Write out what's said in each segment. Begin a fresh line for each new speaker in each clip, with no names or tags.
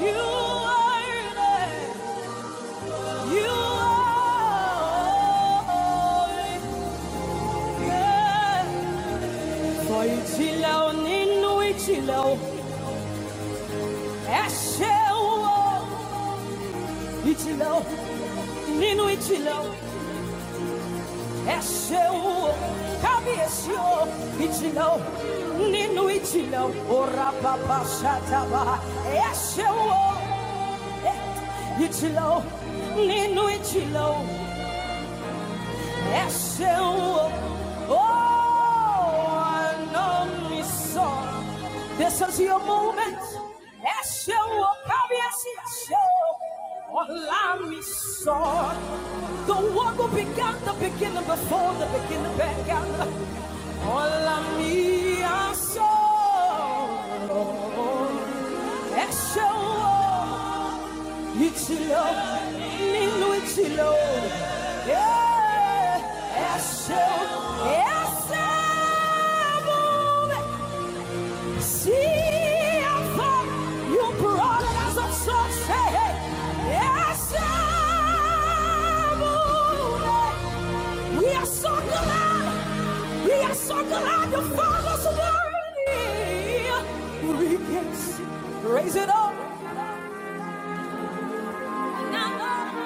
You are there. You are there. For Ichilau Ninu Ichilau Eshewo Ichilau Ninu Ichilau Eshewo Kabiyesio Ichilau Ninu Ora Baba Shataba Eshewo Ichilau Ninu Ichilau SLO. Oh, I know me song. This is your moment. SLO. Cabeça SLO. Olá, me song. The one who began the beginning before the beginning began. Olá, me song. Eshawo, itilo, ninu itilo, yeah. Eshawo, eshawo, see afar you brought us of success. Eshawo, we are so glad, we are so glad the Father's word. We raise it up. Oh,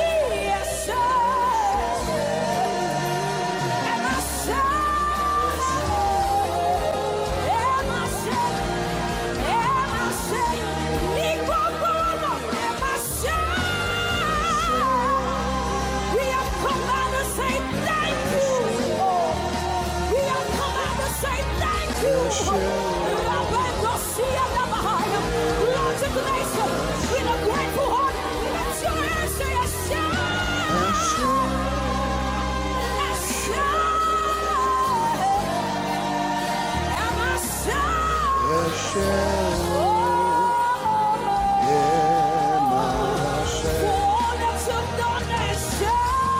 yes, sir. And my soul, and my soul, and my soul, We have come out to say thank you, We have come out to say thank you. Roberto Sia Navahaya, Lord of grace, with a grateful heart, let your answer shout. Yeshua, Yema, Yeshua, Yeshua,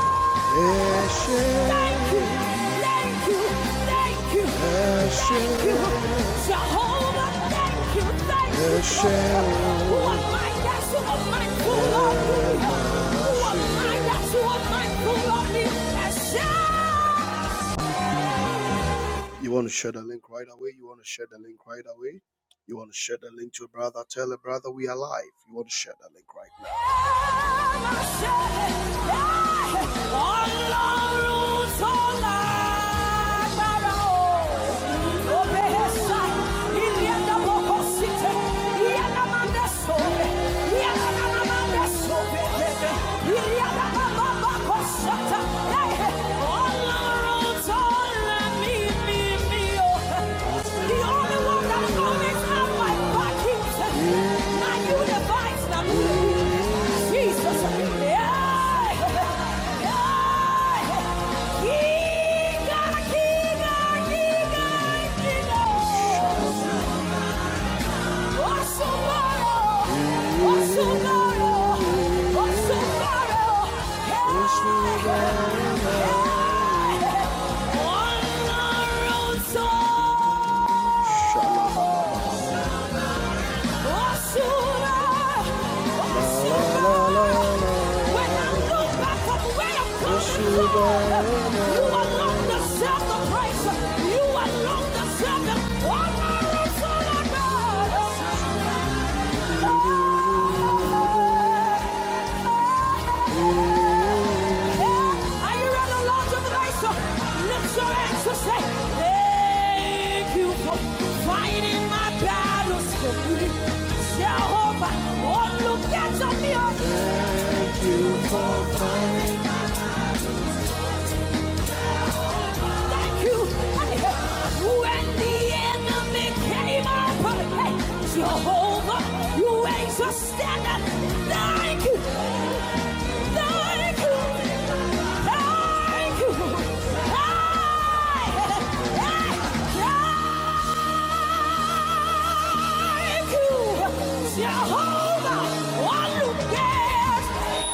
Yeshua, Yema, Yeshua. You want to share the link right away? You want to share the link right away? You want to share the link to a brother? Tell a brother we are live. You want to share the link right Shut up! Shalom. Thank you for fighting my battles for me. Jehovah, oh, look at your miracles. Thank you. When the enemy came up, hey, Jehovah, you raised a standard. Thank you. Thank you. Thank you. Hey, hey, Thank you. Jehovah, one who cares.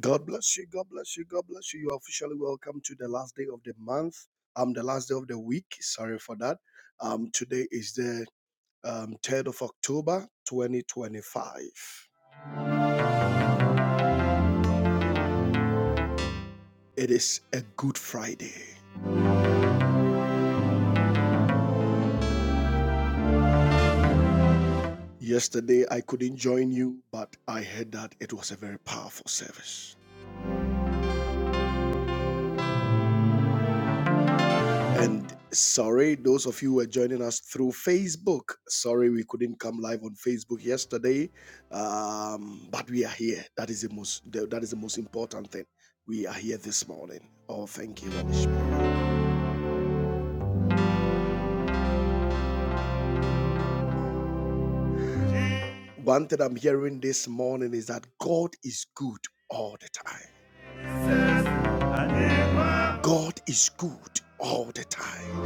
God bless you. God bless you. God bless you. You are officially welcome to the last day of the month. Um, the last day of the week. Sorry for that. Um, today is the um, 3rd of October, 2025. It is a good Friday. Yesterday I couldn't join you, but I heard that it was a very powerful service. And sorry, those of you who are joining us through Facebook. Sorry, we couldn't come live on Facebook yesterday, um, but we are here. That is the most. That is the most important thing. We are here this morning. Oh, thank you, Holy Spirit. One thing I'm hearing this morning is that God is good all the time. God is good all the time.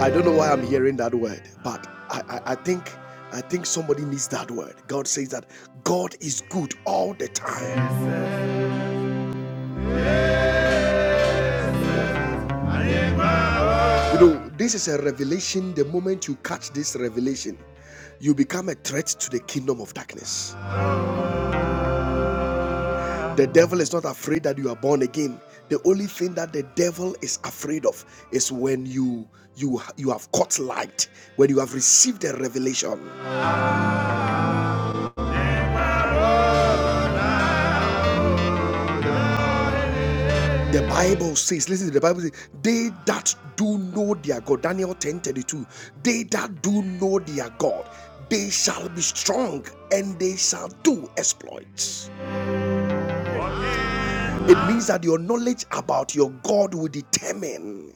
I don't know why I'm hearing that word, but I, I, I think I think somebody needs that word. God says that God is good all the time. You know, this is a revelation. The moment you catch this revelation, you become a threat to the kingdom of darkness. The devil is not afraid that you are born again. The only thing that the devil is afraid of is when you you you have caught light, when you have received a revelation. The Bible says, listen to the Bible says, they that do know their God, Daniel ten thirty two. they that do know their God, they shall be strong and they shall do exploits. It means that your knowledge about your God will determine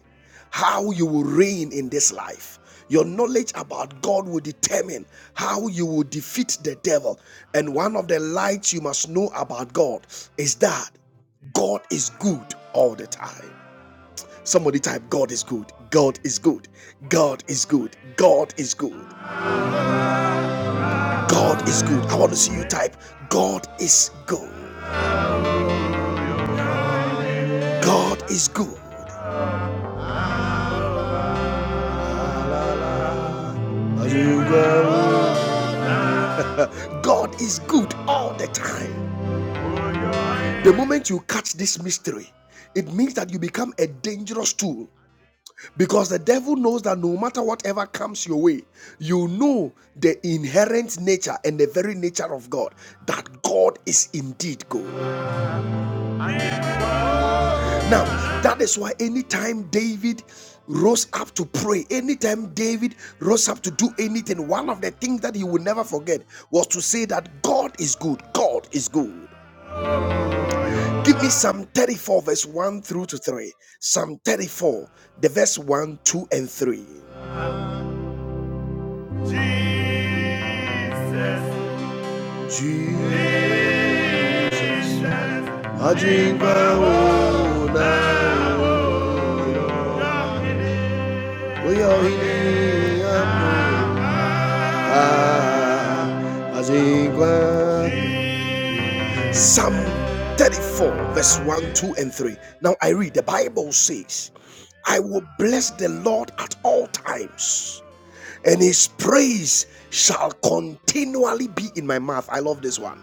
how you will reign in this life. Your knowledge about God will determine how you will defeat the devil. And one of the lights you must know about God is that God is good all the time. Somebody type, God is good. God is good. God is good. God is good. God is good. I want to see you type, God is good. God is good. God is good all the time. The moment you catch this mystery, it means that you become a dangerous tool because the devil knows that no matter whatever comes your way, you know the inherent nature and the very nature of God that God is indeed good. Now, that is why anytime David rose up to pray, anytime David rose up to do anything, one of the things that he would never forget was to say that God is good. God is good. Give me Psalm 34, verse 1 through to 3. Psalm 34, the verse 1, 2, and 3. Ju- Ah, Psalm 34, verse 1, 2, and 3. Now I read, the Bible says, I will bless the Lord at all times, and his praise shall continually be in my mouth. I love this one.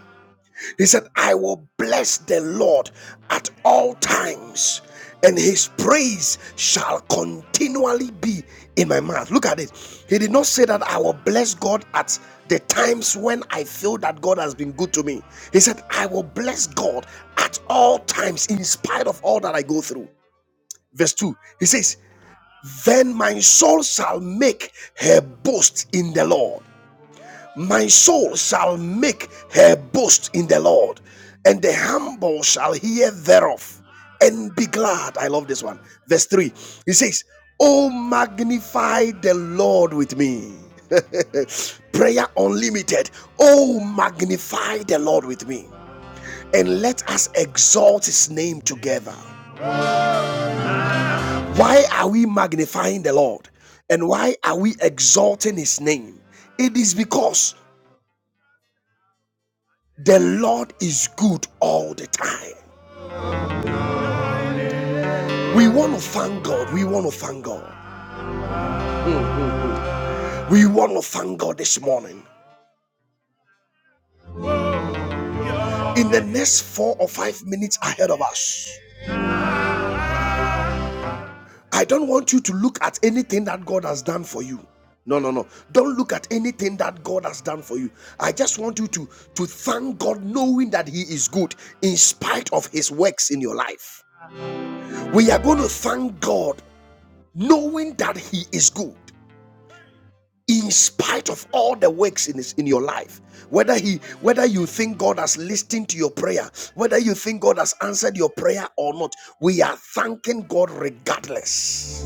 He said, I will bless the Lord at all times, and his praise shall continually be in my mouth. Look at it. He did not say that I will bless God at the times when I feel that God has been good to me. He said, I will bless God at all times, in spite of all that I go through. Verse 2, he says, Then my soul shall make her boast in the Lord. My soul shall make her boast in the Lord, and the humble shall hear thereof and be glad. I love this one. Verse 3. He says, Oh, magnify the Lord with me. Prayer unlimited. Oh, magnify the Lord with me, and let us exalt his name together. Why are we magnifying the Lord? And why are we exalting his name? It is because The Lord is good all the time. We want to thank God. We want to thank God. We want to thank God this morning. In the next four or five minutes ahead of us, I don't want you to look at anything that God has done for you. No, no, no. Don't look at anything that God has done for you. I just want you to, to thank God knowing that He is good in spite of His works in your life. We are going to thank God knowing that He is good. in spite of all the works in his in your life whether he whether you think god has listened to your prayer whether you think god has answered your prayer or not we are thanking god regardless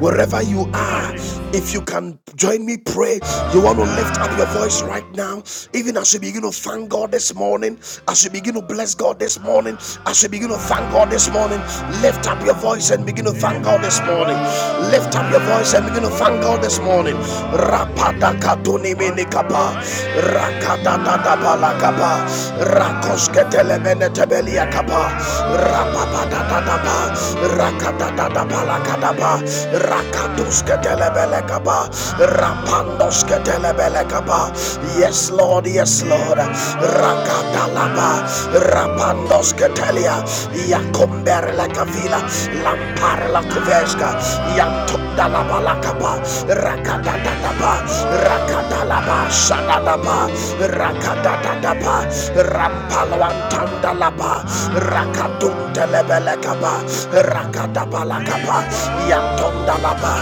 wherever you are if you can join me pray you want to lift up your voice right now even as you begin to thank god this morning as you begin to bless god this morning as you begin to thank god this morning lift up your voice and begin to thank god this morning lift up your voice and begin to thank god this morning Rapada katuni mini rakada da da ba rakoske telemene tebelia kapa, Rapapadadadaba, rakadadadabalakadaba, rakaduskedelebelekaba, rapandoskedelebelekaba. Yes, Lord, yes, Lord. Rakadalaba, rapandoskatelia, yakomberlekavila, lamparlakuveshka, yanto Dalapalakapa, Rakadadadaba, Rakadalaba, Shadadaba, Rakadadadaba, Rampalwantandalaba, Rakaduntelebelekaba, Rakadabalakaba, Yantondalaba.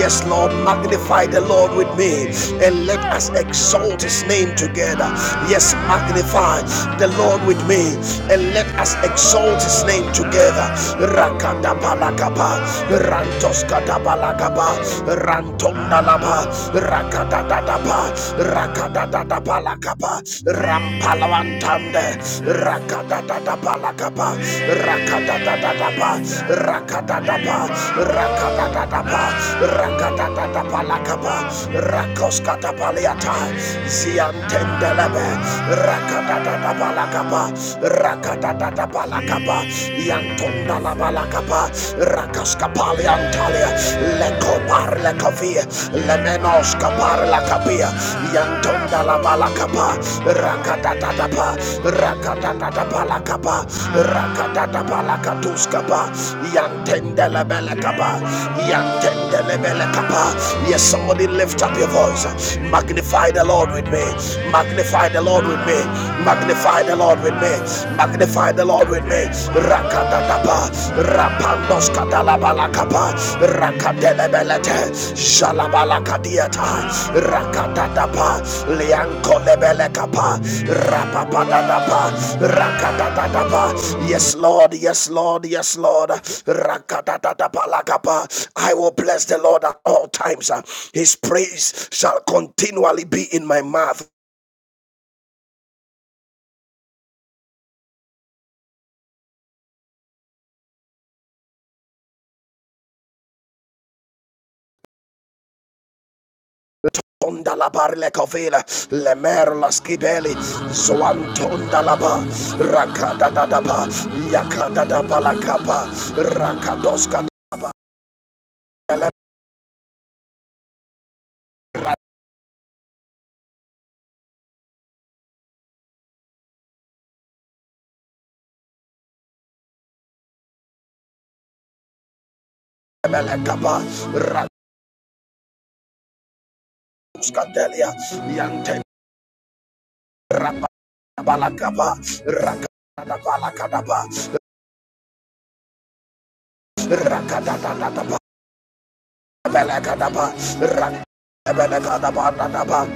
Yes, Lord, magnify the Lord with me and let us exalt his name together. Yes, magnify the Lord with me and let us exalt his name together. Rakadaba. Kapalakapa, Rantos Katabalakapa, Rantonalaba, Rakadadadapa, Rakadadadapalakapa, Rampalawantande, Rakadadadapalakapa, Rakadadadapa, Rakadadapa, Rakadadadapa, Rakadadadapalakapa, Rakoskatapaliata, Ziantendelebe, Rakadadadapalakapa, Rakadadadapalakapa, Lakaba, Yantonda Labalakaba, Rakaskapali Antalia, Lekopar Lekovia, Lemenos Kapar Lakabia, Yantonda Labalakaba, Rakatatapa, Rakatatapa Lakaba, Rakatatapa Lakatuskaba, Yantenda Labelakaba, Yantenda Labelakaba. Yes, somebody lift up your voice. Magnify the Lord with me. Magnify the Lord with me. Magnify. Magnify the Lord with me. Magnify the Lord with me. Rakatatapa. Rapandos katalabalakapa. Rakatelebelete. Jalabalakadiata. Rakatatapa. Liankolebelekapa. Rapapadadapa. Rakatatapa. Yes, Lord. Yes, Lord. Yes, Lord. Rakatatatapalakapa. I will bless the Lord at all times. His praise shall continually be in my mouth. Onda la barle covila, le mer la schibeli, zoantonda la ba, rakada da da ba, yakada da ba la capa, rakadoska dele, rabele capa, rakuska delia, yante rapa ba la capa, rakada da ba la kada ba, rakada da da ba, bele kada da ba,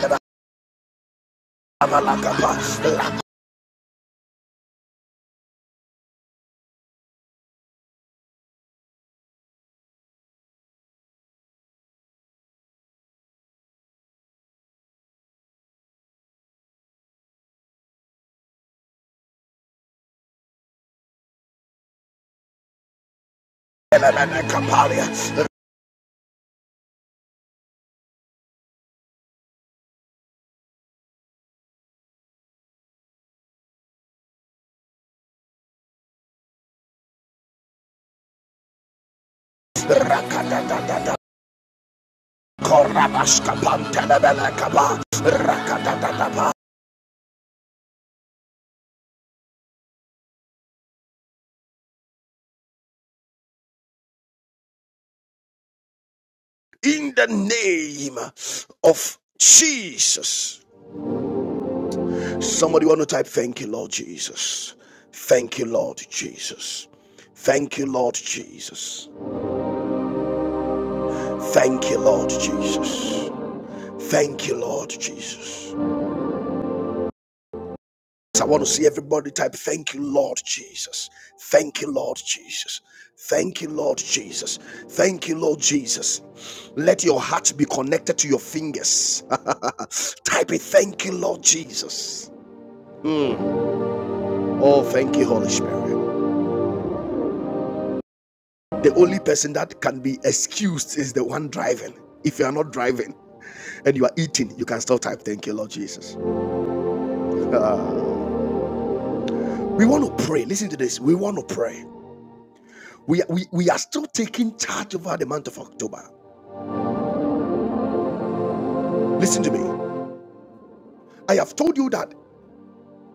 lebe la ba la capa, la In the name of Jesus. Somebody want to type, Thank you, Lord Jesus. Thank you, Lord Jesus. Thank you, Lord Jesus. Thank you, Lord Jesus. Thank you, Lord Jesus. I want to see everybody type, Thank you, Lord Jesus. Thank you, Lord Jesus. Thank you, Lord Jesus. Thank you, Lord Jesus. Let your heart be connected to your fingers. type it, Thank you, Lord Jesus. Mm. Oh, thank you, Holy Spirit. The only person that can be excused is the one driving. If you are not driving and you are eating, you can still type, Thank you, Lord Jesus. We want to pray. Listen to this. We want to pray. We, we, we are still taking charge over the month of October. Listen to me. I have told you that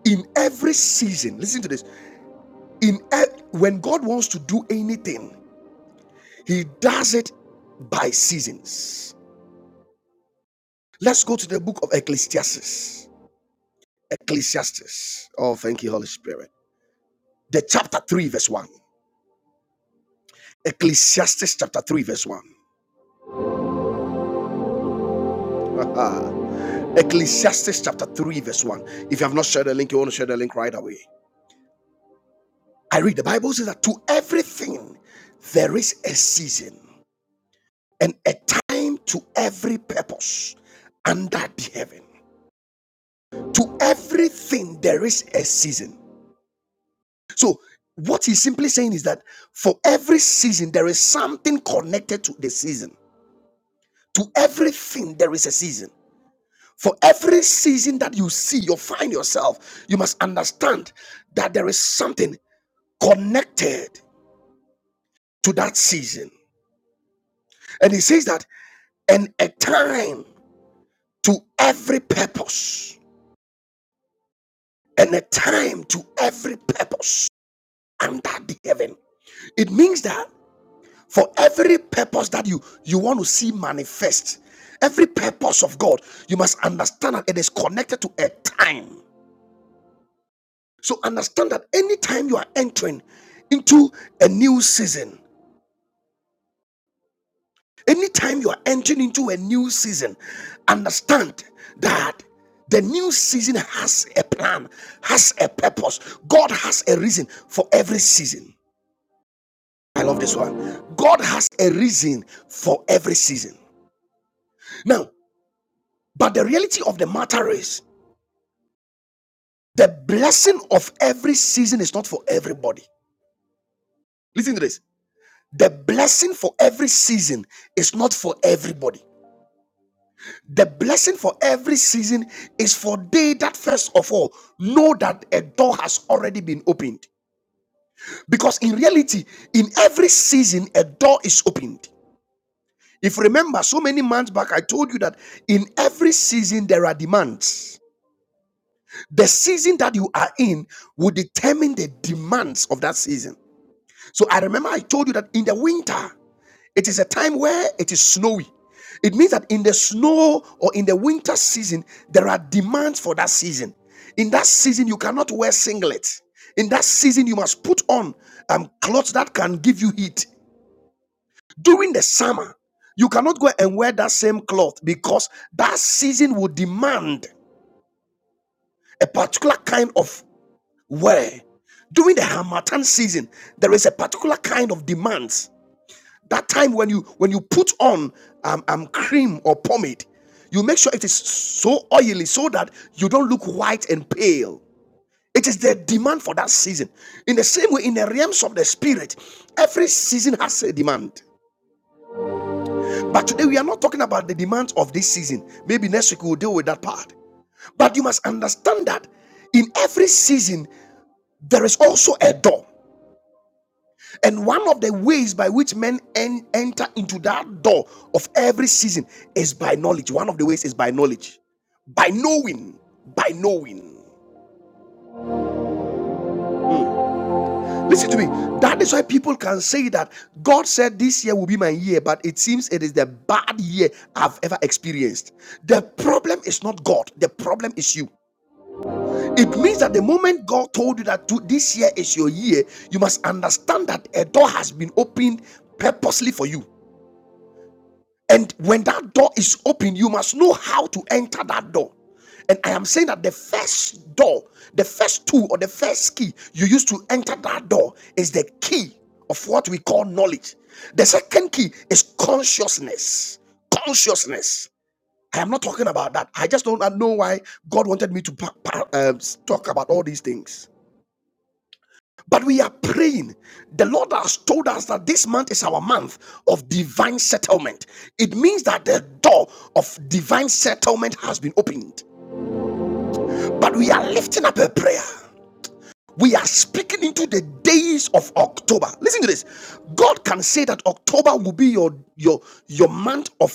in every season, listen to this. In ev- when God wants to do anything, he does it by seasons. Let's go to the book of Ecclesiastes. Ecclesiastes. Oh, thank you, Holy Spirit. The chapter 3, verse 1. Ecclesiastes chapter 3, verse 1. Ecclesiastes chapter 3, verse 1. If you have not shared the link, you want to share the link right away. I read the Bible says that to everything there is a season and a time to every purpose under the heaven. To everything, there is a season. So, what he's simply saying is that for every season, there is something connected to the season. To everything, there is a season. For every season that you see, you find yourself, you must understand that there is something connected to that season. And he says that, and a time to every purpose and a time to every purpose under the heaven. It means that for every purpose that you you want to see manifest, every purpose of God, you must understand that it is connected to a time. So understand that anytime you are entering into a new season, anytime you are entering into a new season, understand that the new season has a plan, has a purpose. God has a reason for every season. I love this one. God has a reason for every season. Now, but the reality of the matter is the blessing of every season is not for everybody. Listen to this. The blessing for every season is not for everybody. The blessing for every season is for they that first of all know that a door has already been opened. Because in reality, in every season, a door is opened. If you remember, so many months back, I told you that in every season there are demands. The season that you are in will determine the demands of that season. So I remember I told you that in the winter, it is a time where it is snowy. It means that in the snow or in the winter season, there are demands for that season. In that season, you cannot wear singlet. In that season, you must put on um, clothes that can give you heat. During the summer, you cannot go and wear that same cloth because that season will demand a particular kind of wear. During the Hamatan season, there is a particular kind of demands. That time when you when you put on um, um cream or pomade, you make sure it is so oily so that you don't look white and pale. It is the demand for that season. In the same way, in the realms of the spirit, every season has a demand. But today we are not talking about the demands of this season. Maybe next week we'll deal with that part. But you must understand that in every season there is also a door. And one of the ways by which men en- enter into that door of every season is by knowledge. One of the ways is by knowledge, by knowing, by knowing. Listen to me. That is why people can say that God said this year will be my year, but it seems it is the bad year I've ever experienced. The problem is not God, the problem is you. It means that the moment God told you that this year is your year, you must understand that a door has been opened purposely for you. And when that door is open, you must know how to enter that door. And I am saying that the first door, the first tool, or the first key you use to enter that door is the key of what we call knowledge. The second key is consciousness. Consciousness. I am not talking about that. I just don't know why God wanted me to pa- um, talk about all these things But we are praying. The Lord has told us that this month is our month of divine settlement. It means that the door of divine settlement has been opened. But we are lifting up a prayer. We are speaking into the days of October. Listen to this. God can say that October will be your your your month of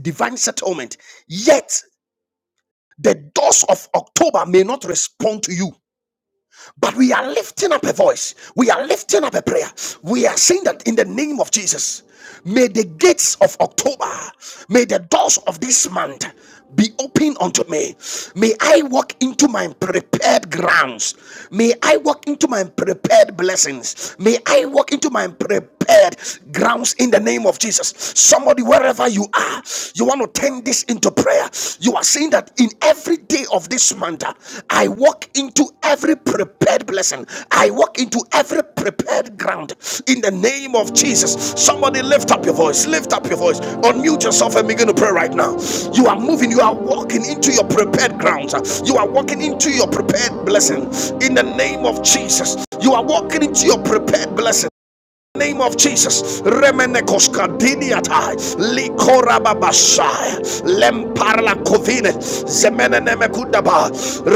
divine settlement. Yet the doors of October may not respond to you. But we are lifting up a voice. We are lifting up a prayer. We are saying that in the name of Jesus, may the gates of October, may the doors of this month be open unto me. May I walk into my prepared grounds. May I walk into my prepared blessings. May I walk into my prepared grounds in the name of Jesus. Somebody, wherever you are, you want to turn this into prayer, you are saying that in every day of this month, uh, I walk into every prepared blessing. I walk into every prepared ground in the name of Jesus. Somebody lift up your voice, lift up your voice, unmute yourself and begin to pray right now. You are moving, you are walking into your prepared grounds, uh, you are walking into your prepared blessing in the name of Jesus. You are walking into your prepared blessing name of Jesus. Remenekos kadiniatai likorababashai lemparla kovine zemenenemekudaba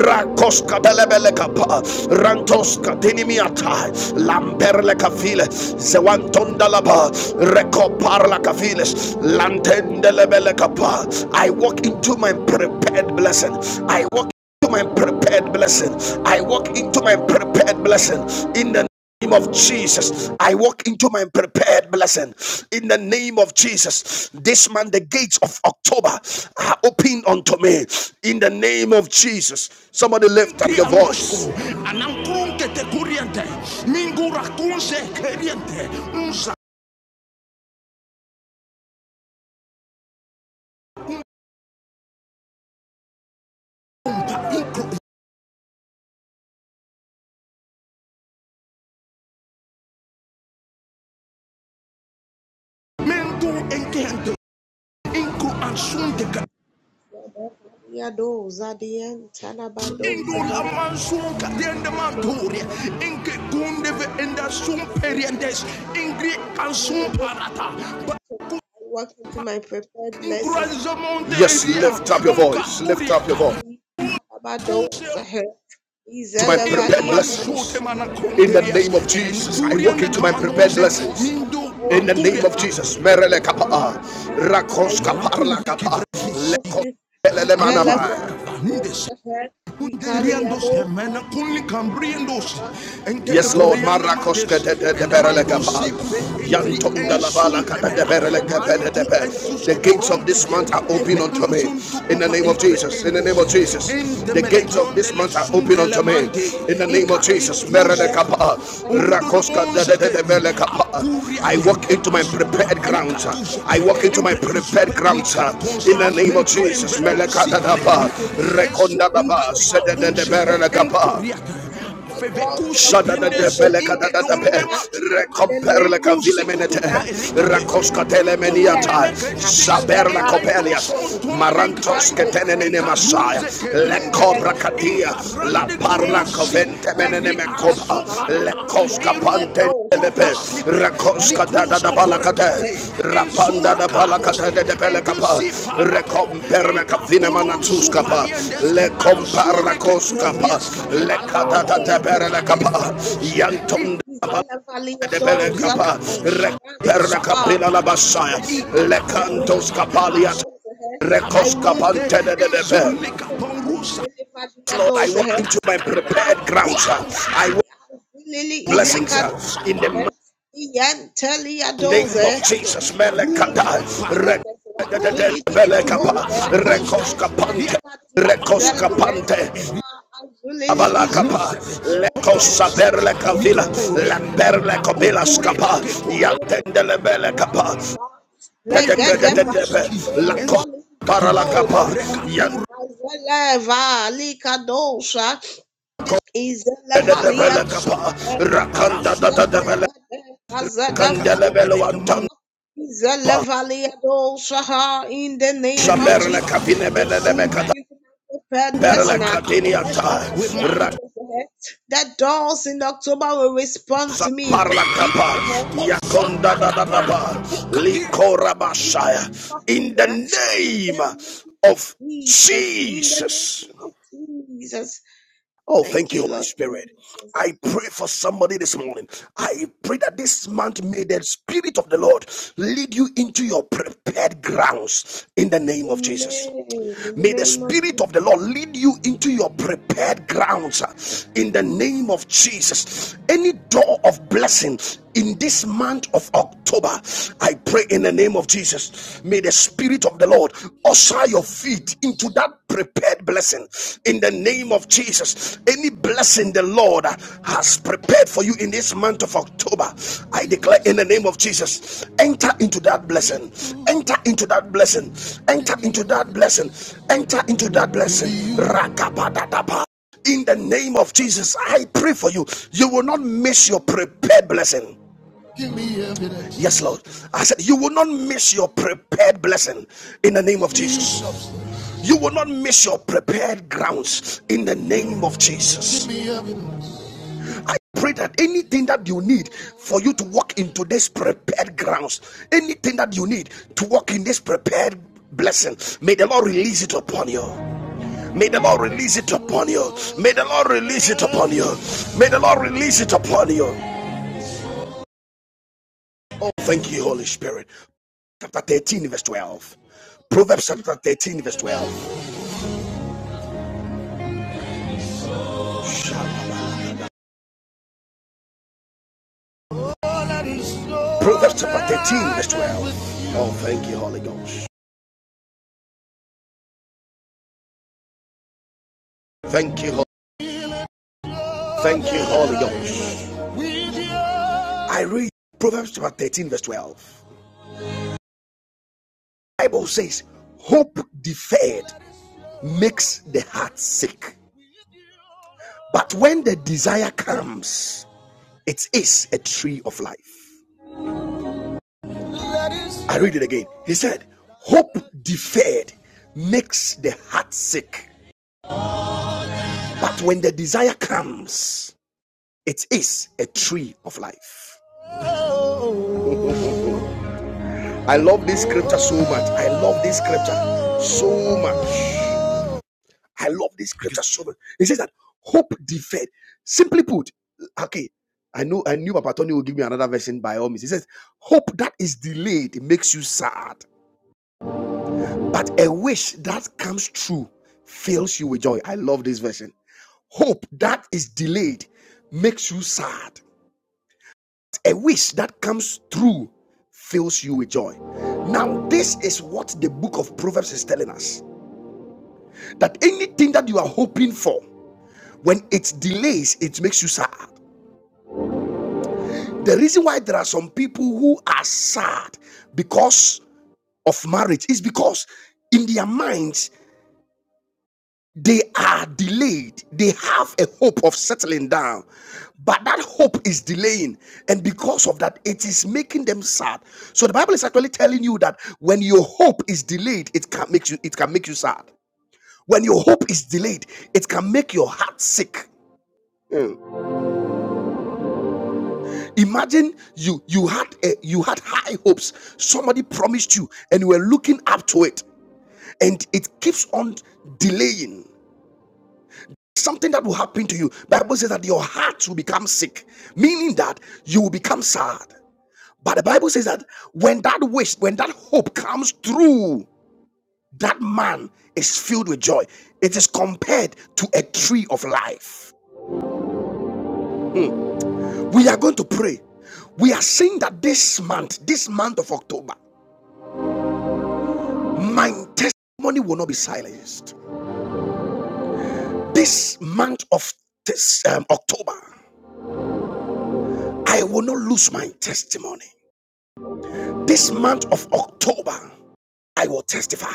rakos kabelebelekapa rantos kadinimiatai lamperle kafile zewantondalaba rekoparla kafiles lantendelebelekapa. I walk into my prepared blessing. I walk into my prepared blessing. I walk into my prepared blessing in the name of Jesus, I walk into my prepared blessing. In the name of Jesus, this month the gates of October are open unto me. In the name of Jesus, somebody lift up your voice. Ingol amansunka diende manturia inke gundeve enda sumperiendes ingri ansum parata Yes, lift up your voice. Lift up your voice. To my prepared blessings. In the name of Jesus, I walk into my prepared blessings. In the name of Jesus, Merele Kapaa, Rakos Kaparla Kapaa, Lekos Lelemanama. Yes, Lord. Marakos Enketekumrianamates. kete de Enamakosi berelekapa. pre eri Yantunda la bala ensu kata de The gates of this month are open unto me. In the name of Jesus. In the name of Jesus. The gates of this month are open unto me. In the name of Jesus. Ikaritus. Merelekapa. Rakoska de de Undodonze de be. I walk into my prepared ground. I walk into my prepared ground. in the name of Jesus. Shadada de Beleka da da pe, recompare la cavile menete, rakosca telemeniata rekondadaba, sedededebelekapa. Shadadadebelekadadadabe, marantos rakoskatelemeniata, zaberlakopelia, marantosketenenene masaya, le cobra catia, la parla covente menene me lekobrakatia, laparlakoventemenenemekoba, pante. Lepe, da da Rapanda da balakate de pelekapa, Rekomperna kafina Le komparna koskapa, Le katata de Yantum de pelekapa, Rekomperna kapila la basaya, Le cantos kapalia, de de Lord, I walk into my prepared ground, I walk
Lili
blessings,
izikad
In the
yanteli
name
doze.
of Jesus, Melekata, Rekadadadebelekapa, Rekoskapante, Rekoskapante,
Lili izu
Abalakapa, Lekosaberlekavila, Lamberlekobilaskapa, Yantendelebelekapa,
legede
Dedekadedebe,
batia doza lika doze.
Lakoparalakapa,
Azeleva lika dosa. Izeleva lia doze.
Yantendelebelekapa, Rakandadadebele, Kandelebelewantandapa,
Izelevaliadoshaha, In the name of Jesus,
Saberlekavinebelebekata,
prepared blessing her.
Berlekatiniata,
That doors in October will respond to me.
In the name of
In
Jesus.
Jesus.
Oh,
Thank
thank
you,
you, Holy
Lord.
Spirit. I pray for somebody this morning. I pray that this month may the Spirit of the Lord lead you into your prepared grounds in the name of Jesus. May the Spirit of the Lord lead you into your prepared grounds uh, in the name of Jesus. Any door of blessing in this month of October, I pray in the name of Jesus. May the Spirit of the Lord usher your feet into that prepared blessing in the name of Jesus. Any blessing the Lord has prepared for you in this month of October, I declare in the name of Jesus, enter into that blessing, enter into that blessing, enter into that blessing, enter into that blessing. Rakapadadapa. In the name of Jesus, I pray for you. You will not miss your prepared blessing. Yes, Lord. I said, You will not miss your prepared blessing in the name of Jesus. You will not miss your prepared grounds in the name of Jesus. I pray that anything that you need for you to walk into this prepared grounds, anything that you need to walk in this prepared blessing, may the Lord release it upon you. May the Lord release it upon you. May the Lord release it upon you. May the Lord release it upon you. Thank you, Holy Spirit. Chapter 13, verse 12. Proverbs chapter 13, verse 12. Proverbs chapter 13, verse 12. Oh, thank you, Holy Ghost. Thank you, thank you, Holy Ghost. I read Proverbs chapter 13, verse 12. The Bible says, Hope deferred makes the heart sick. But when the desire comes, it is a tree of life. I read it again. He said, Hope deferred makes the heart sick, but when the desire comes, it is a tree of life. I love this scripture so much. I love this scripture so much. I love this scripture so much. It says that hope deferred. Simply put, okay, I know I knew Papa Tony will give me another version by all means. He says, Hope that is delayed makes you sad. But a wish that comes true fills you with joy. I love this version. Hope that is delayed makes you sad. A wish that comes true fills you with joy. Now, this is what the book of Proverbs is telling us that anything that you are hoping for, when it delays, it makes you sad. The reason why there are some people who are sad because of marriage is because in their minds They are delayed. They have a hope of settling down, but that hope is delaying. And because of that, it is making them sad. So the Bible is actually telling you that when your hope is delayed, it can make you it can make you sad. When your hope is delayed, it can make your heart sick. Mm. Imagine you you had a, you had high hopes. Somebody promised you, and you were looking up to it, and it keeps on delaying. something that will happen to you bible says that your heart will become sick meaning that you will become sad but the bible says that when that wish when that hope comes through that man is filled with joy it is compared to a tree of life we are going to pray we are saying that this month this month of october my testimony will not be silenced this month of this um, october i will not lose my testimony this month of October, I will testify.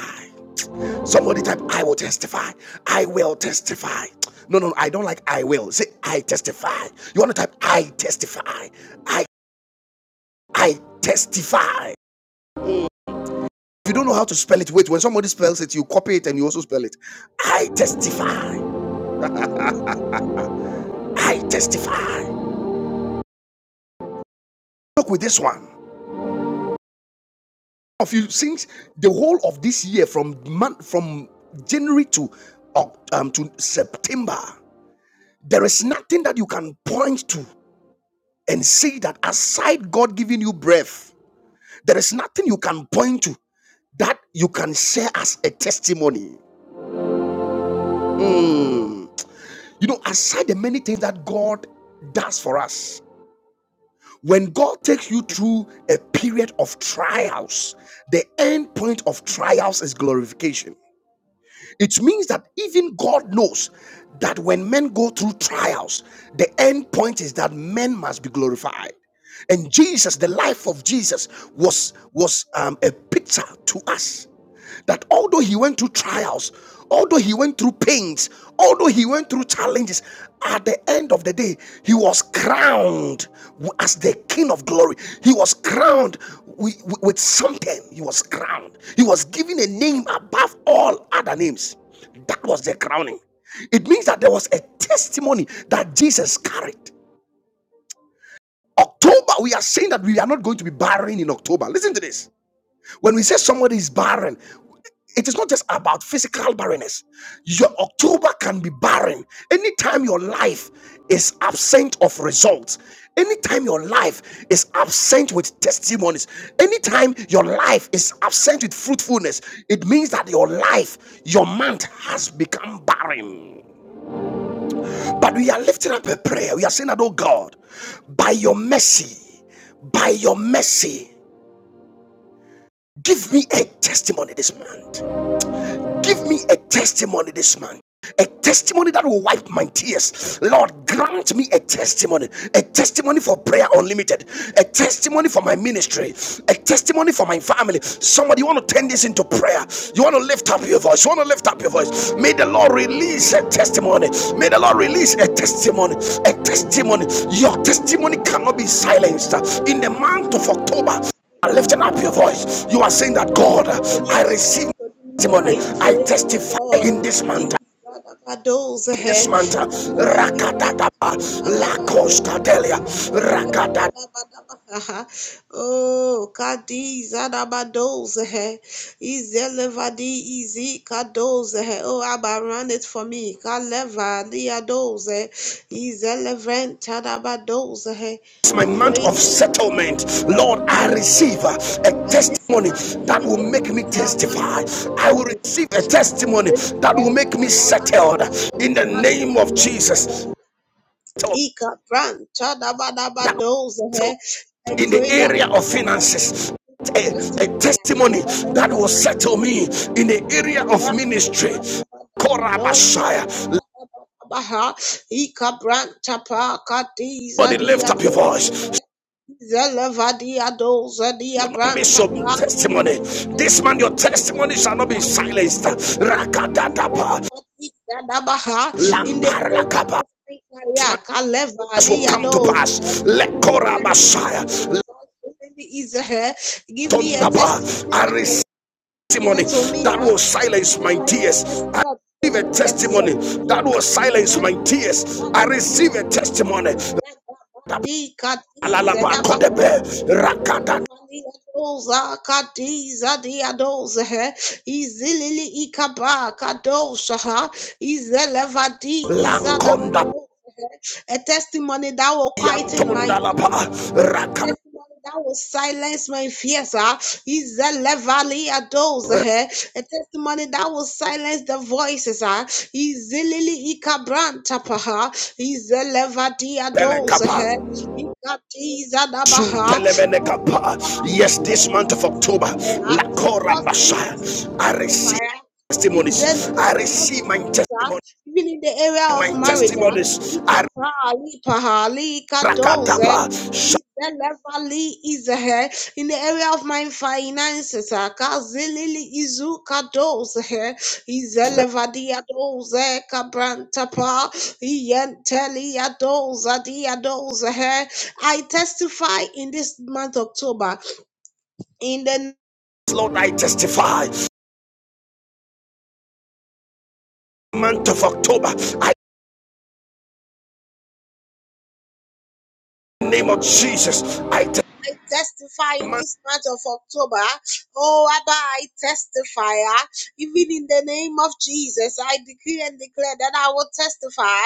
Somebody type, I will testify. I will testify. No, no, no, I don't like I will. Say, I testify. You want to type, I testify. I, I testify. If you don't know how to spell it, wait. When somebody spells it, you copy it and you also spell it. I testify. I testify. Look with this one. Of you since the whole of this year, from month from January to uh, um, to September, there is nothing that you can point to and see that aside God giving you breath, there is nothing you can point to that you can share as a testimony. Mm. You know, aside the many things that God does for us, when God takes you through a period of trials, the end point of trials is glorification. It means that even God knows that when men go through trials, the end point is that men must be glorified. And Jesus, the life of Jesus, was was um, a picture to us that although he went through trials Although he went through pains, although he went through challenges, at the end of the day, he was crowned as the King of Glory. He was crowned wi- with something. He was crowned. He was given a name above all other names. That was the crowning. It means that there was a testimony that Jesus carried. October, we are saying that we are not going to be barren in October. Listen to this. When we say somebody is barren, it is not just about physical barrenness. Your October can be barren. Anytime your life is absent of results, anytime your life is absent with testimonies, anytime your life is absent with fruitfulness, it means that your life, your month has become barren. But we are lifting up a prayer. We are saying that, oh God, by your mercy, by your mercy, give me a testimony this month. Give me a testimony this month. A testimony that will wipe my tears. Lord, grant me a testimony. A testimony for prayer unlimited. A testimony for my ministry. A testimony for my family. Somebody, you want to turn this into prayer. You want to lift up your voice. You want to lift up your voice. May the Lord release a testimony. May the Lord release a testimony. A testimony. Your testimony cannot be silenced. In the month of October,
In
lifting up your
of
voice, you are saying that God,
Our
I
Yesu
receive
Kristo dimo
testimony.
I
I
pray, oh
testify
God,
in this month.
Kadi Badabados
In
he
this month,
Ivelebre
Rakatadaba,
Kadabadabado Vadi
Lakoskadelia,
Ado Vadi
Rakata.
Adabadabaha Oh Kadi Zadabados he Izelevadi Izi Kados he Oh Abba run it for me Kaleva Liados he Izelevren Tadabados he
my month
Pray
of settlement. Lord, I receive uh, a testimony that will make me testify. I will receive a testimony that will make me settled in the name of Jesus.
Ika Brand
That
Tadabados
will
he I
in the
pray that.
area of finances. A, a testimony that will settle me in the area of ministry.
do
Korabashaya.
baha ikabranta pa katiza
Somebody
dia
lift up your
do
voice.
zelavadia do
You
zadia
will not miss
branta
your
pa
testimony. This man, your testimony shall not be silenced. Rakadadapa.
zelavadia da baha in the area
Lamparlakapa.
of my career
This will
kalevadia
come
do
to pass.
give me my education
Lekorabashaya.
God, give me Israel give me a
Tondaba.
testimony
I
that
receive
will
testimony
settle me
that
ah
will silence my tears. I receive a
yes sir,
testimony
give me
that
a
will
testimony
silence
ah
my tears. I receive a testimony.
di katiza da baha Oza kadiza diadoza he izilili ikaba kadosha ha izelevadi izada a testimony that will quieten my doubt, ah. a testimony that will silence my fears. ah. He's a levally adores her, a testimony that will silence the voices. ah. He's a lily ikabrantapa, he's a levadi adores her, he got these adabaha. Oh, Abba,
Yes, this
let me
month of October,
testify. ah. Cause me to testify.
I receive
ah in the
testimonies. I
name of
receive my
Jesus, ah,
testimony,
even in the area of
my
marriage. ah,
testimonies. I
Ipapali pahali kadoze.
rakatapa. Yes,
Izelevali izehe. In the area of my finances, ah, kazilili izu kadoze. Izelevadi adoze kabrantapa. Iyenteli adoza di adoze. I testify in this month October in the
Lord, I testify. month of October. I in the name of Jesus. I
testify in
demand
this month of October. Oh, Abba, I testify. ah. Even in the name of Jesus, I decree and declare that I will testify,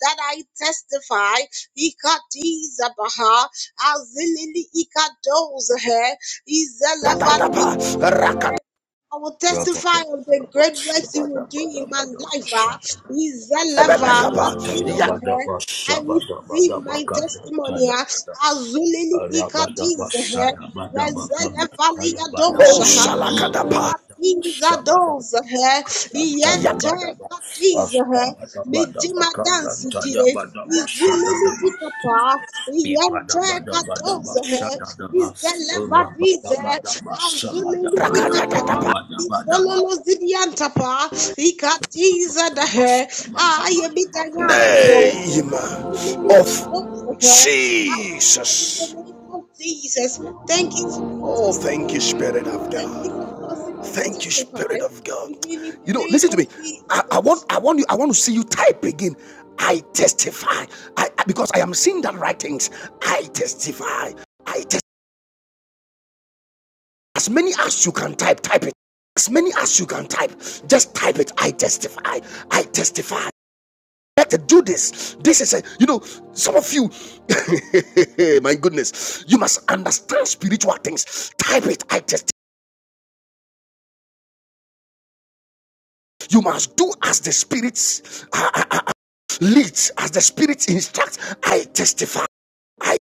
that I testify. Ikatizabaha, azilili ikadozahe, izelevadige,
dadadaba
I will
Rabba
testify of the great works you will do in my life. ah. Is the lever,
rakadabelekaba
clap this for her. I receive my testimony. ah. Azulili ikadiz hand. Rezelevali adosha. ah. Ikadiz adosa hand. Iyente ikadiz her. Mijima dance die. Izulili ikapa. ah. Iyente ikadosa hand. Is the lever diz her. Azulili ikapa. ah. Zololozidiantapa,
Ibrahim
ikatiza dahe, ayebita nyankopo,
name
azulibika
of
dozahe. Ah, in the
Jesus.
name of Jesus, thank you for my
Oh, thank you,
testimony. ah.
Spirit of God. Thank you, Spirit of God. You know, listen to me. I, I want, I want you, I want to see you type again. I testify. I I- because I am seeing that writings. I testify. I testify. As many as you can type, type it. As many as you can type, just type it. I testify. I testify. Let it do this. This is a, you know, some of you, my goodness, you must understand spiritual things. Type it. I testify. You must do as the spirits uh, leads, as the spirit instructs. I testify. I,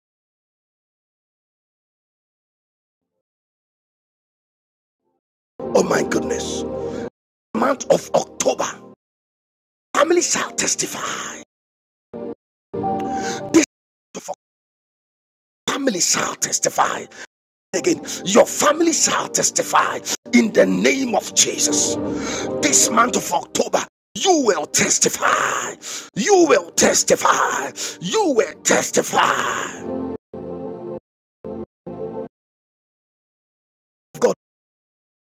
oh my goodness, month of October, family shall testify. This family shall testify. again. Your family shall testify in the name of Jesus. This month of October, you will testify. You will testify. You will testify. God,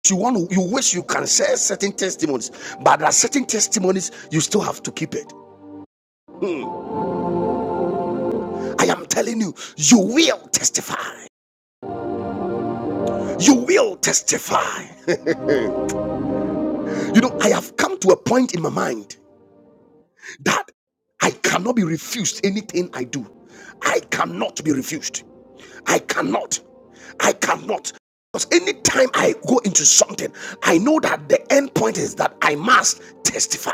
you want you wish you can share certain testimonies, but there are certain testimonies you still have to keep it. I am telling you, you will testify. You will testify. You know, I have come to a point in my mind. that I cannot be refused anything I do. I cannot be refused. I cannot. I cannot. Because anytime I go into something, I know that the end point is that I must testify.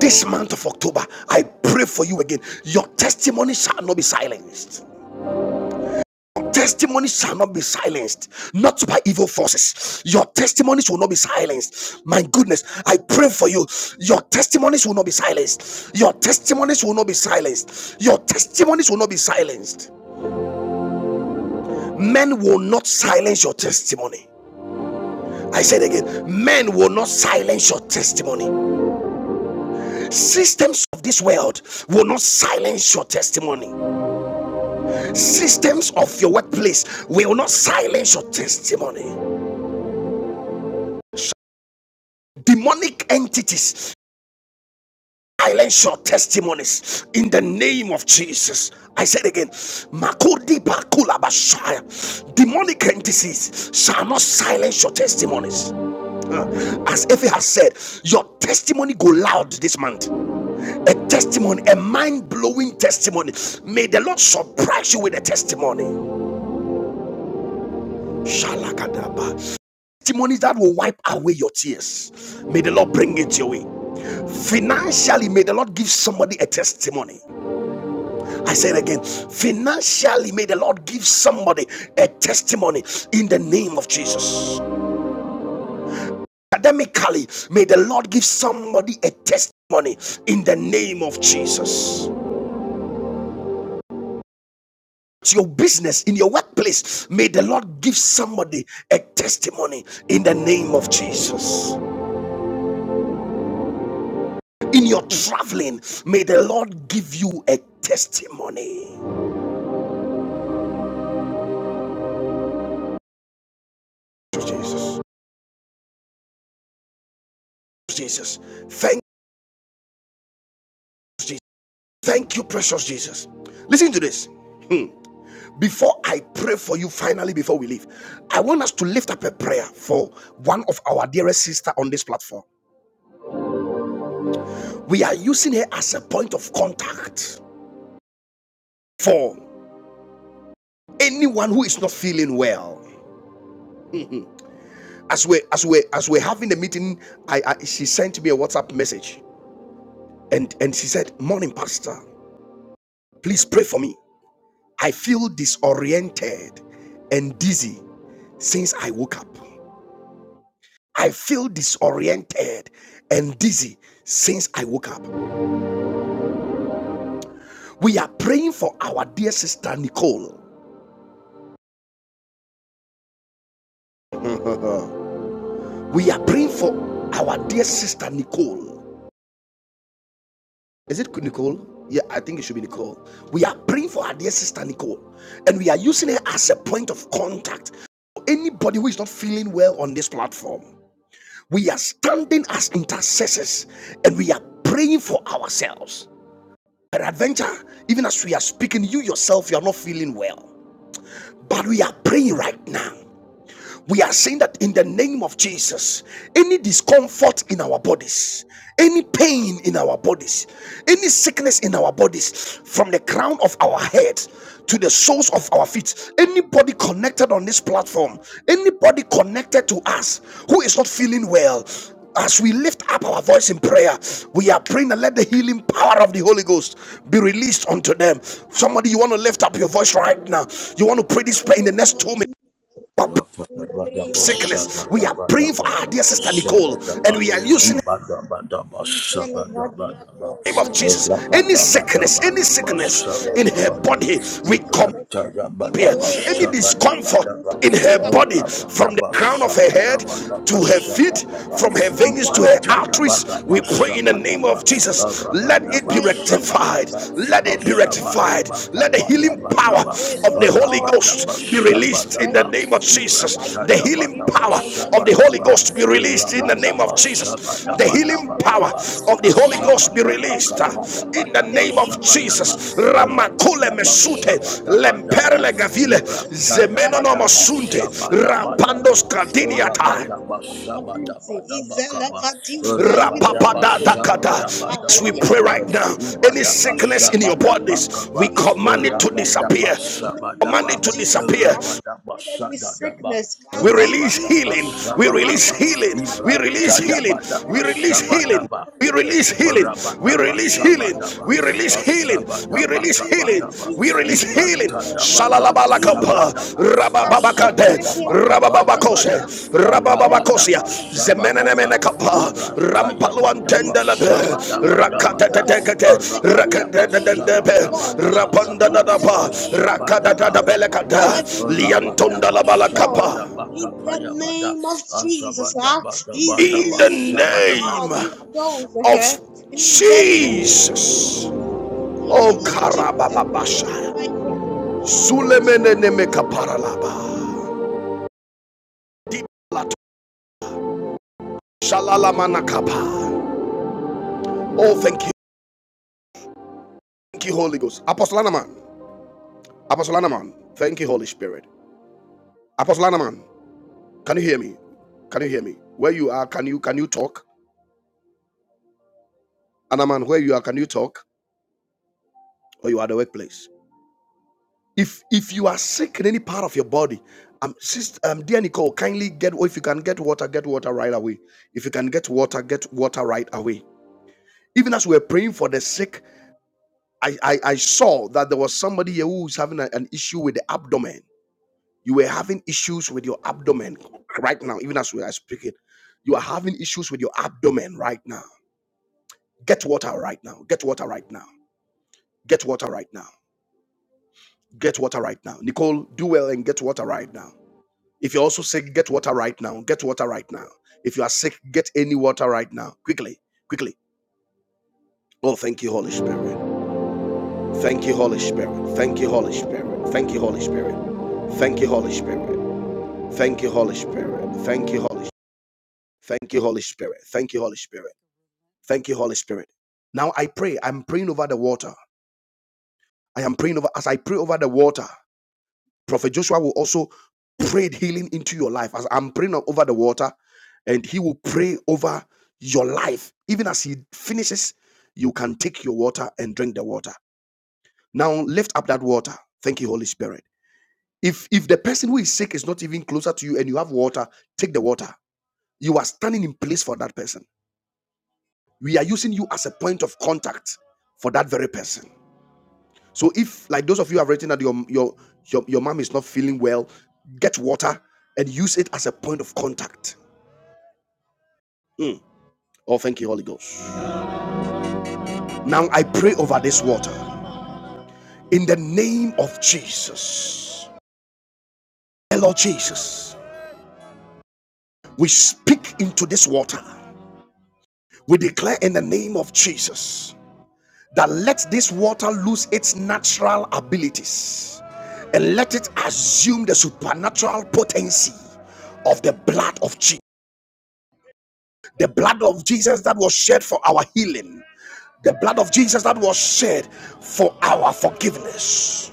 This month of October, I pray for you again. Your testimony shall not be silenced. testimony shall not be silenced, not by evil forces. Your testimonies will not be silenced. My goodness, I pray for you. Your testimonies will not be silenced. Your testimonies will not be silenced. Your testimonies will not be silenced. Men will not silence your testimony. I said again, men will not silence your testimony. Systems of this world will not silence your testimony. Systems of your workplace will not silence your testimony demonic entities silence your testimonies in the name of Jesus. I said again, Makudi Bakula Bashaya. demonic entities shall not silence your testimonies. Uh, As Effie has said, your testimony go loud this month. A testimony, a mind blowing testimony. May the Lord surprise you with a testimony. Shalakadaba. Testimonies that will wipe away your tears. May the Lord bring it your way. Financially, may the Lord give somebody a testimony. I said again, financially, may the Lord give somebody a testimony in the name of Jesus. Academically, may the Lord give somebody a testimony in the name of Jesus. To your business, in your workplace, may the Lord give somebody a testimony in the name of Jesus. In your traveling, may the Lord give you a testimony. Jesus, Jesus, thank you, Jesus. Thank you, precious Jesus. Listen to this. Before I pray for you, finally, before we leave, I want us to lift up a prayer for one of our dearest sister on this platform. We are using her as a point of contact for anyone who is not feeling well. As we as we as we're having the meeting, I, I she sent me a WhatsApp message and and she said, "Morning, Pastor, please pray for me. I feel disoriented and dizzy since I woke up. I feel disoriented and dizzy since I woke up. We are praying for our dear sister Nicole. we are praying for our dear sister Nicole. Is it Nicole? Yeah, I think it should be Nicole. We are praying for our dear sister Nicole and we are using her as a point of contact for anybody who is not feeling well on this platform. We are standing as intercessors and we are praying for ourselves. Peradventure, even as we are speaking, you yourself, you are not feeling well. But we are praying right now we are saying that in the name of Jesus, any discomfort in our bodies, any pain in our bodies, any sickness in our bodies, from the crown of our head to the soles of our feet, anybody connected on this platform, anybody connected to us who is not feeling well, as we lift up our voice in prayer, we are praying and let the healing power of the Holy Ghost be released unto them. Somebody, you want to lift up your voice right now. You want to pray this prayer in the next two minutes sickness. We are praying for our dear sister Nicole, and we are using the name of Jesus. Any sickness, any sickness in her body, we come here. Any discomfort in her body, from the crown of her head to her feet, from her veins to her
Tayabada
arteries, we pray in the name
Basabadaba
of Jesus. Let it
Rabadaba
be rectified.
Sabadaba
Let it be rectified.
Asabadaba
Let the healing power
Kabayabadaba
of the Holy
Rabadaba
Ghost be released in the
Sabadaba
name of Jesus. Jesus. The healing
Ibrantayabadaba
power of the Holy
Sabadaba
Ghost be released in the name of
Rabadaba
Jesus. The
Sabadaba
healing power
Dabakaba
of the Holy Ghost be
Asabadaba
released uh, in the
Kapayabadaba
name of
Sabadaba
Jesus. Ramakule
Rabadaba
mesute
Sabadaba Daba
lemperle gavile
Rabadaba
zemenonomosunte rapandos
Shabadabadaba
kardiniata
Rabadaba Shabadabadabakaba Rabadaba
Yes, we pray
Shabadabadabakaba
right now. Any
Ibadaba
sickness in your bodies, we
Shabadabakaba
command it to
Rabadaba
disappear We command
Shabadaba
it to disappear
Rabadaba Shadadaba
We release
Rabadaba
healing. We
Shabadaba
release healing. We release healing.
Ibrantayabadaba
We release healing.
Shabadaba
We release healing. We
Rabadaba
release healing.
Sabadaba
We release healing. We
Asabadaba
release healing.
Kabadaba
We release healing.
Ibranta Yabadaba
Shalalabalakapa.
Sabadaba
Rabababakate.
Asabadaba Kabadabada
Rabababakose. Rabababakosia.
Rabadaba Sabadaba
Zemenenemenekapa.
Ibranta Yabadaba
Rampaluantendelebe.
Sabadabadabada
Rakatetetekete.
Rabadaba
Rakatetetetepe.
Sabadabadaba Kaba
Rapandadadapa.
Asabadaba Kapaya
Rakadadadabelekata.
Rabadaba
Liantondalabalakapa
Sabadaba Kapaya Bada Asabadaba
in
Dabadaba
the
Izilili ikapa,
Sabadaba
name
diadozahe.
of Jesus. Oh, Karababasha. Zulemenenemekaparalaba. Dibalato- Shalalamanakapa. Oh, thank you. Thank you, Holy Ghost. Apostle Anaman. Apostle Anaman. Thank you, Holy Spirit. Apostle Anaman, can you hear me? Can you hear me? Where you are, can you can you talk? Anaman, where you are, can you talk? Or you are at the workplace? If if you are sick in any part of your body, um, sister, um, dear Nicole, kindly get oh, if you can get water, get water right away. If you can get water, get water right away. Even as we were praying for the sick, I I, I saw that there was somebody here who was having a- an issue with the abdomen. You were having issues with your abdomen right now. Even as we are speaking, you are having issues with your abdomen right now. Get water right now. Get water right now. Get water right now. Get water right now. Nicole, do well and get water right now. If you're also sick, get water right now. Get water right now. If you are sick, get any water right now. Quickly, quickly. Oh, thank you, Holy Spirit. Thank you, Holy Spirit. Thank you, Holy Spirit. Thank you, Holy Spirit. Thank you, Holy Spirit. Thank you, Holy Spirit. Thank you, Holy. Thank you, Holy Spirit. Thank you, Holy Spirit. Thank you, Holy Spirit. Now I pray. I'm praying over the water. I am praying over as I pray over the water. Prophet Joshua will also pray healing into your life. As I'm praying over the water, and he will pray over your life. Even as he finishes, you can take your water and drink the water. Now lift up that water. Thank you, Holy Spirit. If if the person who is sick is not even closer to you and you have water, take the water. You are standing in place for that person. We are using you as a point of contact for that very person. So if like those of you have written that your your your, your mom is not feeling well, get water and use it as a point of contact. Mm. Oh, thank you, Holy Ghost. Now I pray over this water in the name of Jesus. Dear Lord Jesus, we speak into this water. We declare in the name of Jesus that let this water lose its natural abilities and let it assume the supernatural potency of the blood of Jesus. The blood of Jesus that was shed for our healing, the blood of Jesus that was shed for our forgiveness.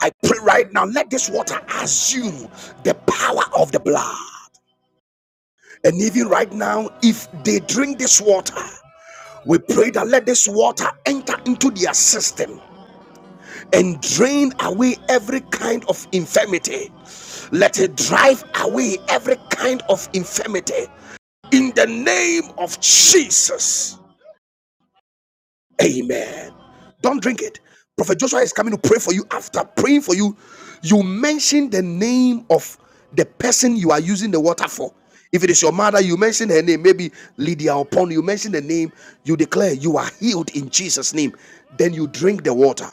I pray right now, let this water assume the power of the blood. And even right now, if they drink this water, we pray that let this water enter into their system and drain away every kind of infirmity. Let it drive away every kind of infirmity in the name of Jesus. Amen. Don't drink it. Prophet Joshua is coming to pray for you. After praying for you, you mention the name of the person you are using the water for. If it is your mother, you mention her name. Maybe Lydia upon you mention the name. You declare you are healed in Jesus' name. Then you drink the water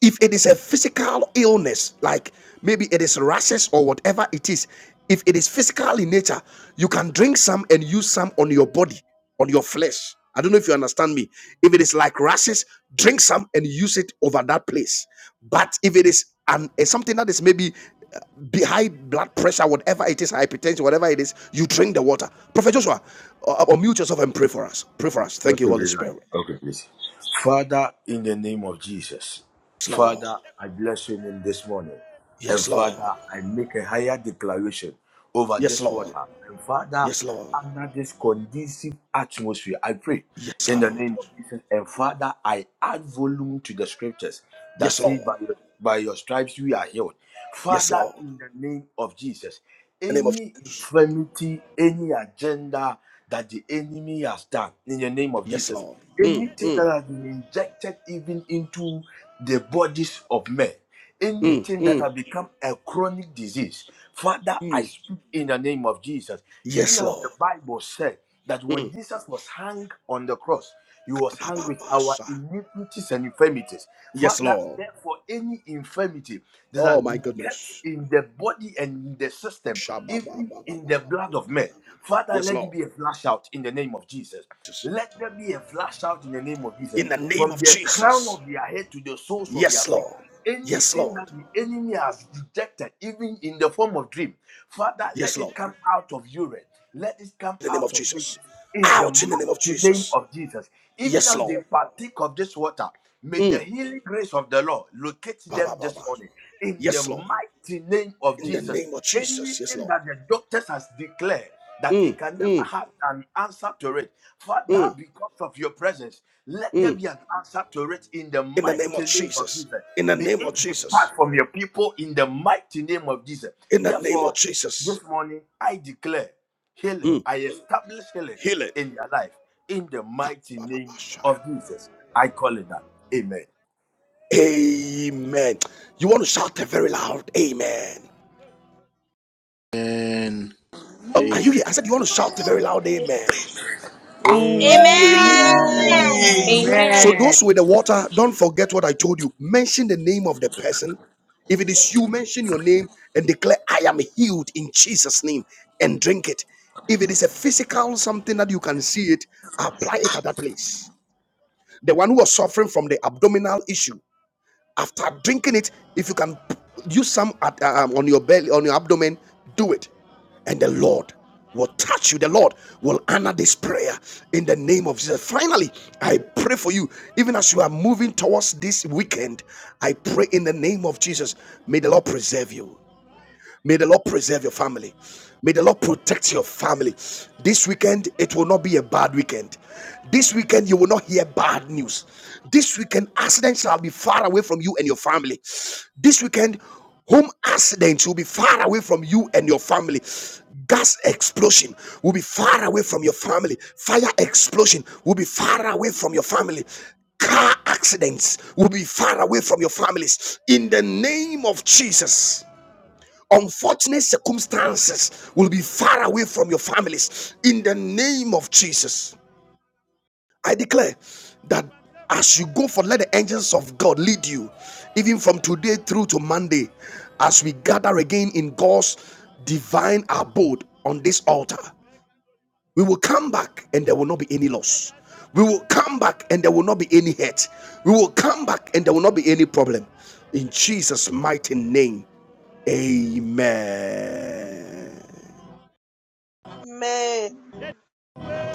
if it is a physical illness like maybe it is rashes or whatever it is if it is physical in nature you can drink some and use some on your body on your flesh i don't know if you understand me if it is like rashes drink some and use it over that place but if it is an eh, something that is maybe uh, be- high blood pressure whatever it is hypertension whatever it is you drink the water prophet joshua uh, uh, unmute yourself and pray for us pray for us
Okay,
thank you holy
please.
spirit
Okay, please. Father, in the name of Jesus,
yes lord
Father, I bless your name this morning. And
yes lord
Father, I make a higher declaration over
yes
this water.
lord
And Father,
Yes, Lord.
under this conducive atmosphere, I pray
Yes,
in the
Lord.
name of Jesus. And Father, I add volume to the scriptures that
Yes,
says,
Lord.
by your, by your stripes we are healed.
Yes,
Father,
Lord. In
in the name of Jesus,
the name of
any
Jesus.
infirmity, any agenda that the enemy has done in the name of
Yes,
Jesus,
Lord. Mm,
anything
mm,
that has been injected even into the bodies of men,
mm,
anything that
mm,
has become a chronic disease, Father, I
mm.
speak in the name of Jesus. Even
Yes,
as
Lord.
the Bible said that when
Mm.
Jesus was hung on the cross, you was hung with our iniquities and infirmities.
Yes,
Father,
Lord.
therefore, any infirmity that
Oh,
has
my
been kept
goodness.
in the body and in the system,
Sha, ba, ba,
even
ba, ba, ba,
in
ba,
the
ba,
blood
la,
of
ka,
men,
da, ba, ba.
Father,
Yes,
let it
Lord.
be a flash out in the name of Jesus.
Jesus.
Let there be a flash out in the name of
In
Jesus
the name
from
of
the crown
Jesus.
of their head to the soles of their
Yes,
feet.
Lord. Yes,
Anything
Lord.
that the enemy has rejected, even in the form of dream, Father,
Yes,
let
Lord.
it come out of urine. Let it come
In the name of
out of flesh.
Jesus.
In the
Out in the name of
mighty name
Jesus.
of Jesus, even
Yes,
as they
Lord.
partake of this water, may the
Mm.
healing grace of the Lord locate
Ba, ba,
them
ba,
this
ba.
morning. In the
Yes, Lord.
mighty name of
In the
Jesus,
name of Jesus. Yes,
anything
Lord.
that the doctors has declared that
Mm,
it can never
mm,
have an answer to it. Father,
mm,
because of your presence, let there
mm.
be an answer to it in the
In the name of
mighty name of
Jesus.
Jesus.
In the
May
name of
it
Jesus.
depart from your people in the mighty name of Jesus.
In the name of
Therefore,
Jesus.
this morning I declare healing.
Mm.
I establish healing
Healing.
in your life in the mighty
Ba,
name of Jesus. I call it that. Amen.
Amen. You want to shout a very loud amen.
Amen.
Oh, are you here? I
Amen.
said you want to shout a very loud amen.
Amen.
Amen.
Amen.
So
Amen.
Amen.
those with the water, don't forget what I told you. Mention the name of the person. If it is you, mention your name and declare, I am healed in Jesus' name and drink it. If it is a physical something that you can see it, apply it at that place. the one who was suffering from the abdominal issue after drinking it if you can use some at, uh, um, on your belly on your abdomen do it and the lord will touch you the lord will honor this prayer in the name of jesus finally i pray for you even as you are moving towards this weekend i pray in the name of jesus may the lord preserve you May the Lord preserve your family. May the Lord protect your family. This weekend, it will not be a bad weekend. This weekend, you will not hear bad news. This weekend, accidents shall be far away from you and your family. This weekend, home accidents will be far away from you and your family. Gas explosion will be far away from your family. Fire explosion will be far away from your family. Car accidents will be far away from your families. In the name of Jesus. Unfortunate circumstances will be far away from your families in the name of Jesus. I declare that as you go for let the angels of God lead you, even from today through to Monday, as we gather again in God's divine abode on this altar. We will come back and there will not be any loss. We will come back and there will not be any hurt. We will come back and there will not be any problem. In Jesus' mighty name, amen.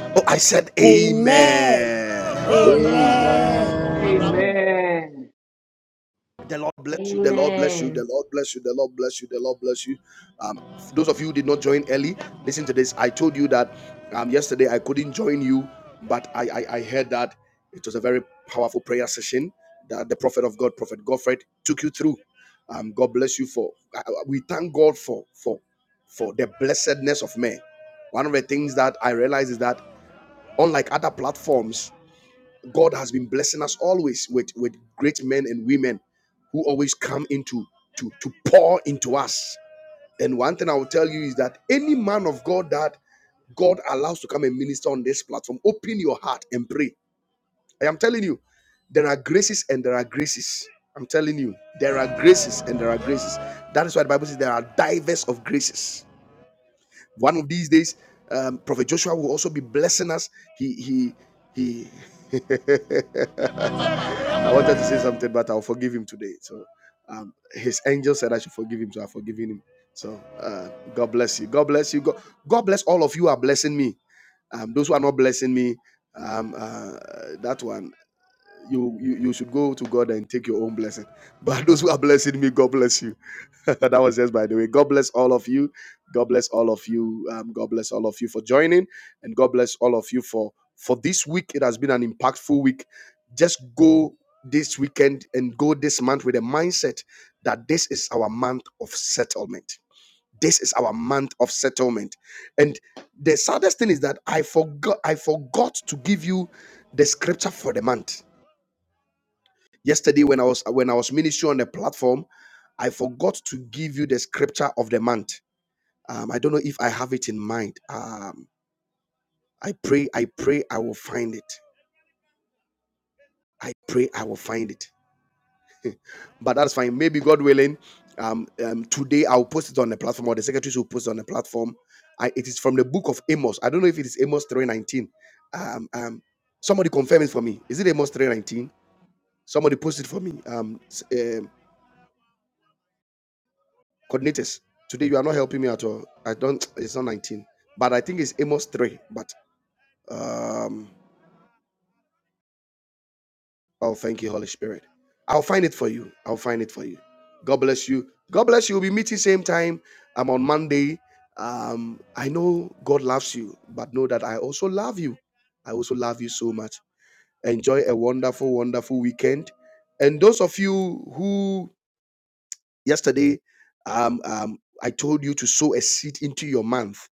Oh, I said
Amen.
amen.
Amen.
Amen.
Amen.
The Lord bless you. The Lord bless you.
Amen.
The Lord bless you. The Lord bless you. The Lord bless you. Um, those of you who did not join early, listen to this. I told you that um, yesterday I couldn't join you, but I, I I heard that it was a very powerful prayer session that the prophet of God, Prophet Godfred, took you through. Um, God bless you for. I- I- We thank God for for for the blessedness of men. One of the things that I realize is that unlike other platforms. God has been blessing us always with, with great men and women who always come into to, to pour into us. And one thing I will tell you is that any man of God that God allows to come and minister on this platform, open your heart and pray. I am telling you, there are graces and there are graces. I'm telling you, there are graces and there are graces. That is why the Bible says there are divers of graces. One of these days, um, Prophet Joshua will also be blessing us. He he he. I wanted to say something, but I'll forgive him today. So um, his angel said I should forgive him, so I've forgiven him. So uh, God bless you. God bless you. God, God bless all of you who are blessing me. Um, those who are not blessing me, um, uh, that one you, you you should go to God and take your own blessing. But those who are blessing me, God bless you. that was just by the way. God bless all of you. God bless all of you. Um, God bless all of you for joining, and God bless all of you for for this week. It has been an impactful week. Just go this weekend and go this month with a mindset that this is our month of settlement. This is our month of settlement. And the saddest thing is that I forgot I forgot to give you the scripture for the month Yesterday, when I was when I was ministering on the platform, I forgot to give you the scripture of the month. Um, I don't know if I have it in mind. Um, I pray, I pray, I will find it. I pray, I will find it. But that's fine. Maybe God willing, um, um, today I'll post it on the platform, or the secretaries will post it on the platform. I, it is from the book of Amos. I don't know if it is Amos three nineteen. Um, um, somebody confirm it for me. Is it Amos three nineteen? Somebody post it for me. Um, s- um, coordinators. Today you are not helping me at all. I don't. It's not 19, but I think it's Amos three. But um, oh, thank you, Holy Spirit. I'll find it for you. I'll find it for you. God bless you. God bless you. We'll be meeting same time. I'm on Monday. Um, I know God loves you, but know that I also love you. I also love you so much. Enjoy a wonderful, wonderful weekend. And those of you who yesterday um, um, I told you to sow a seed into your month,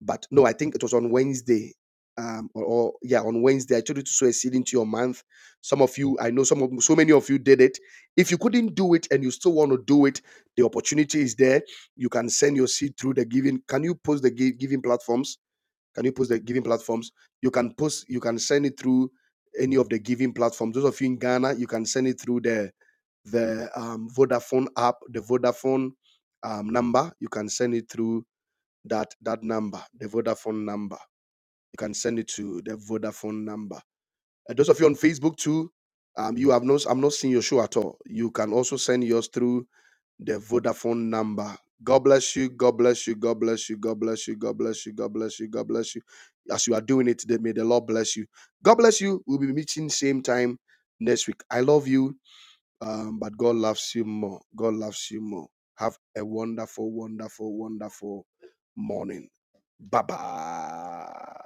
but no, I think it was on Wednesday. Um, or, or yeah, on Wednesday I told you to sow a seed into your month. Some of you, I know some of so many of you did it. If you couldn't do it and you still want to do it, the opportunity is there. You can send your seed through the giving. Can you post the gi- giving platforms? Can you post the giving platforms? You can post. You can send it through any of the giving platforms. Those of you in Ghana, you can send it through there the um, Vodafone app, the Vodafone um, number. You can send it through that that number, the Vodafone number. You can send it to the Vodafone number. Uh, those of you on Facebook too, um, you have not I'm not seeing your show at all. You can also send yours through the Vodafone number. God bless you. God bless you. God bless you. God bless you. God bless you. God bless you. God bless you. As you are doing it today, may the Lord bless you. God bless you. We'll be meeting same time next week. I love you um, but God loves you more. God loves you more. Have a wonderful, wonderful, wonderful morning. Bye bye.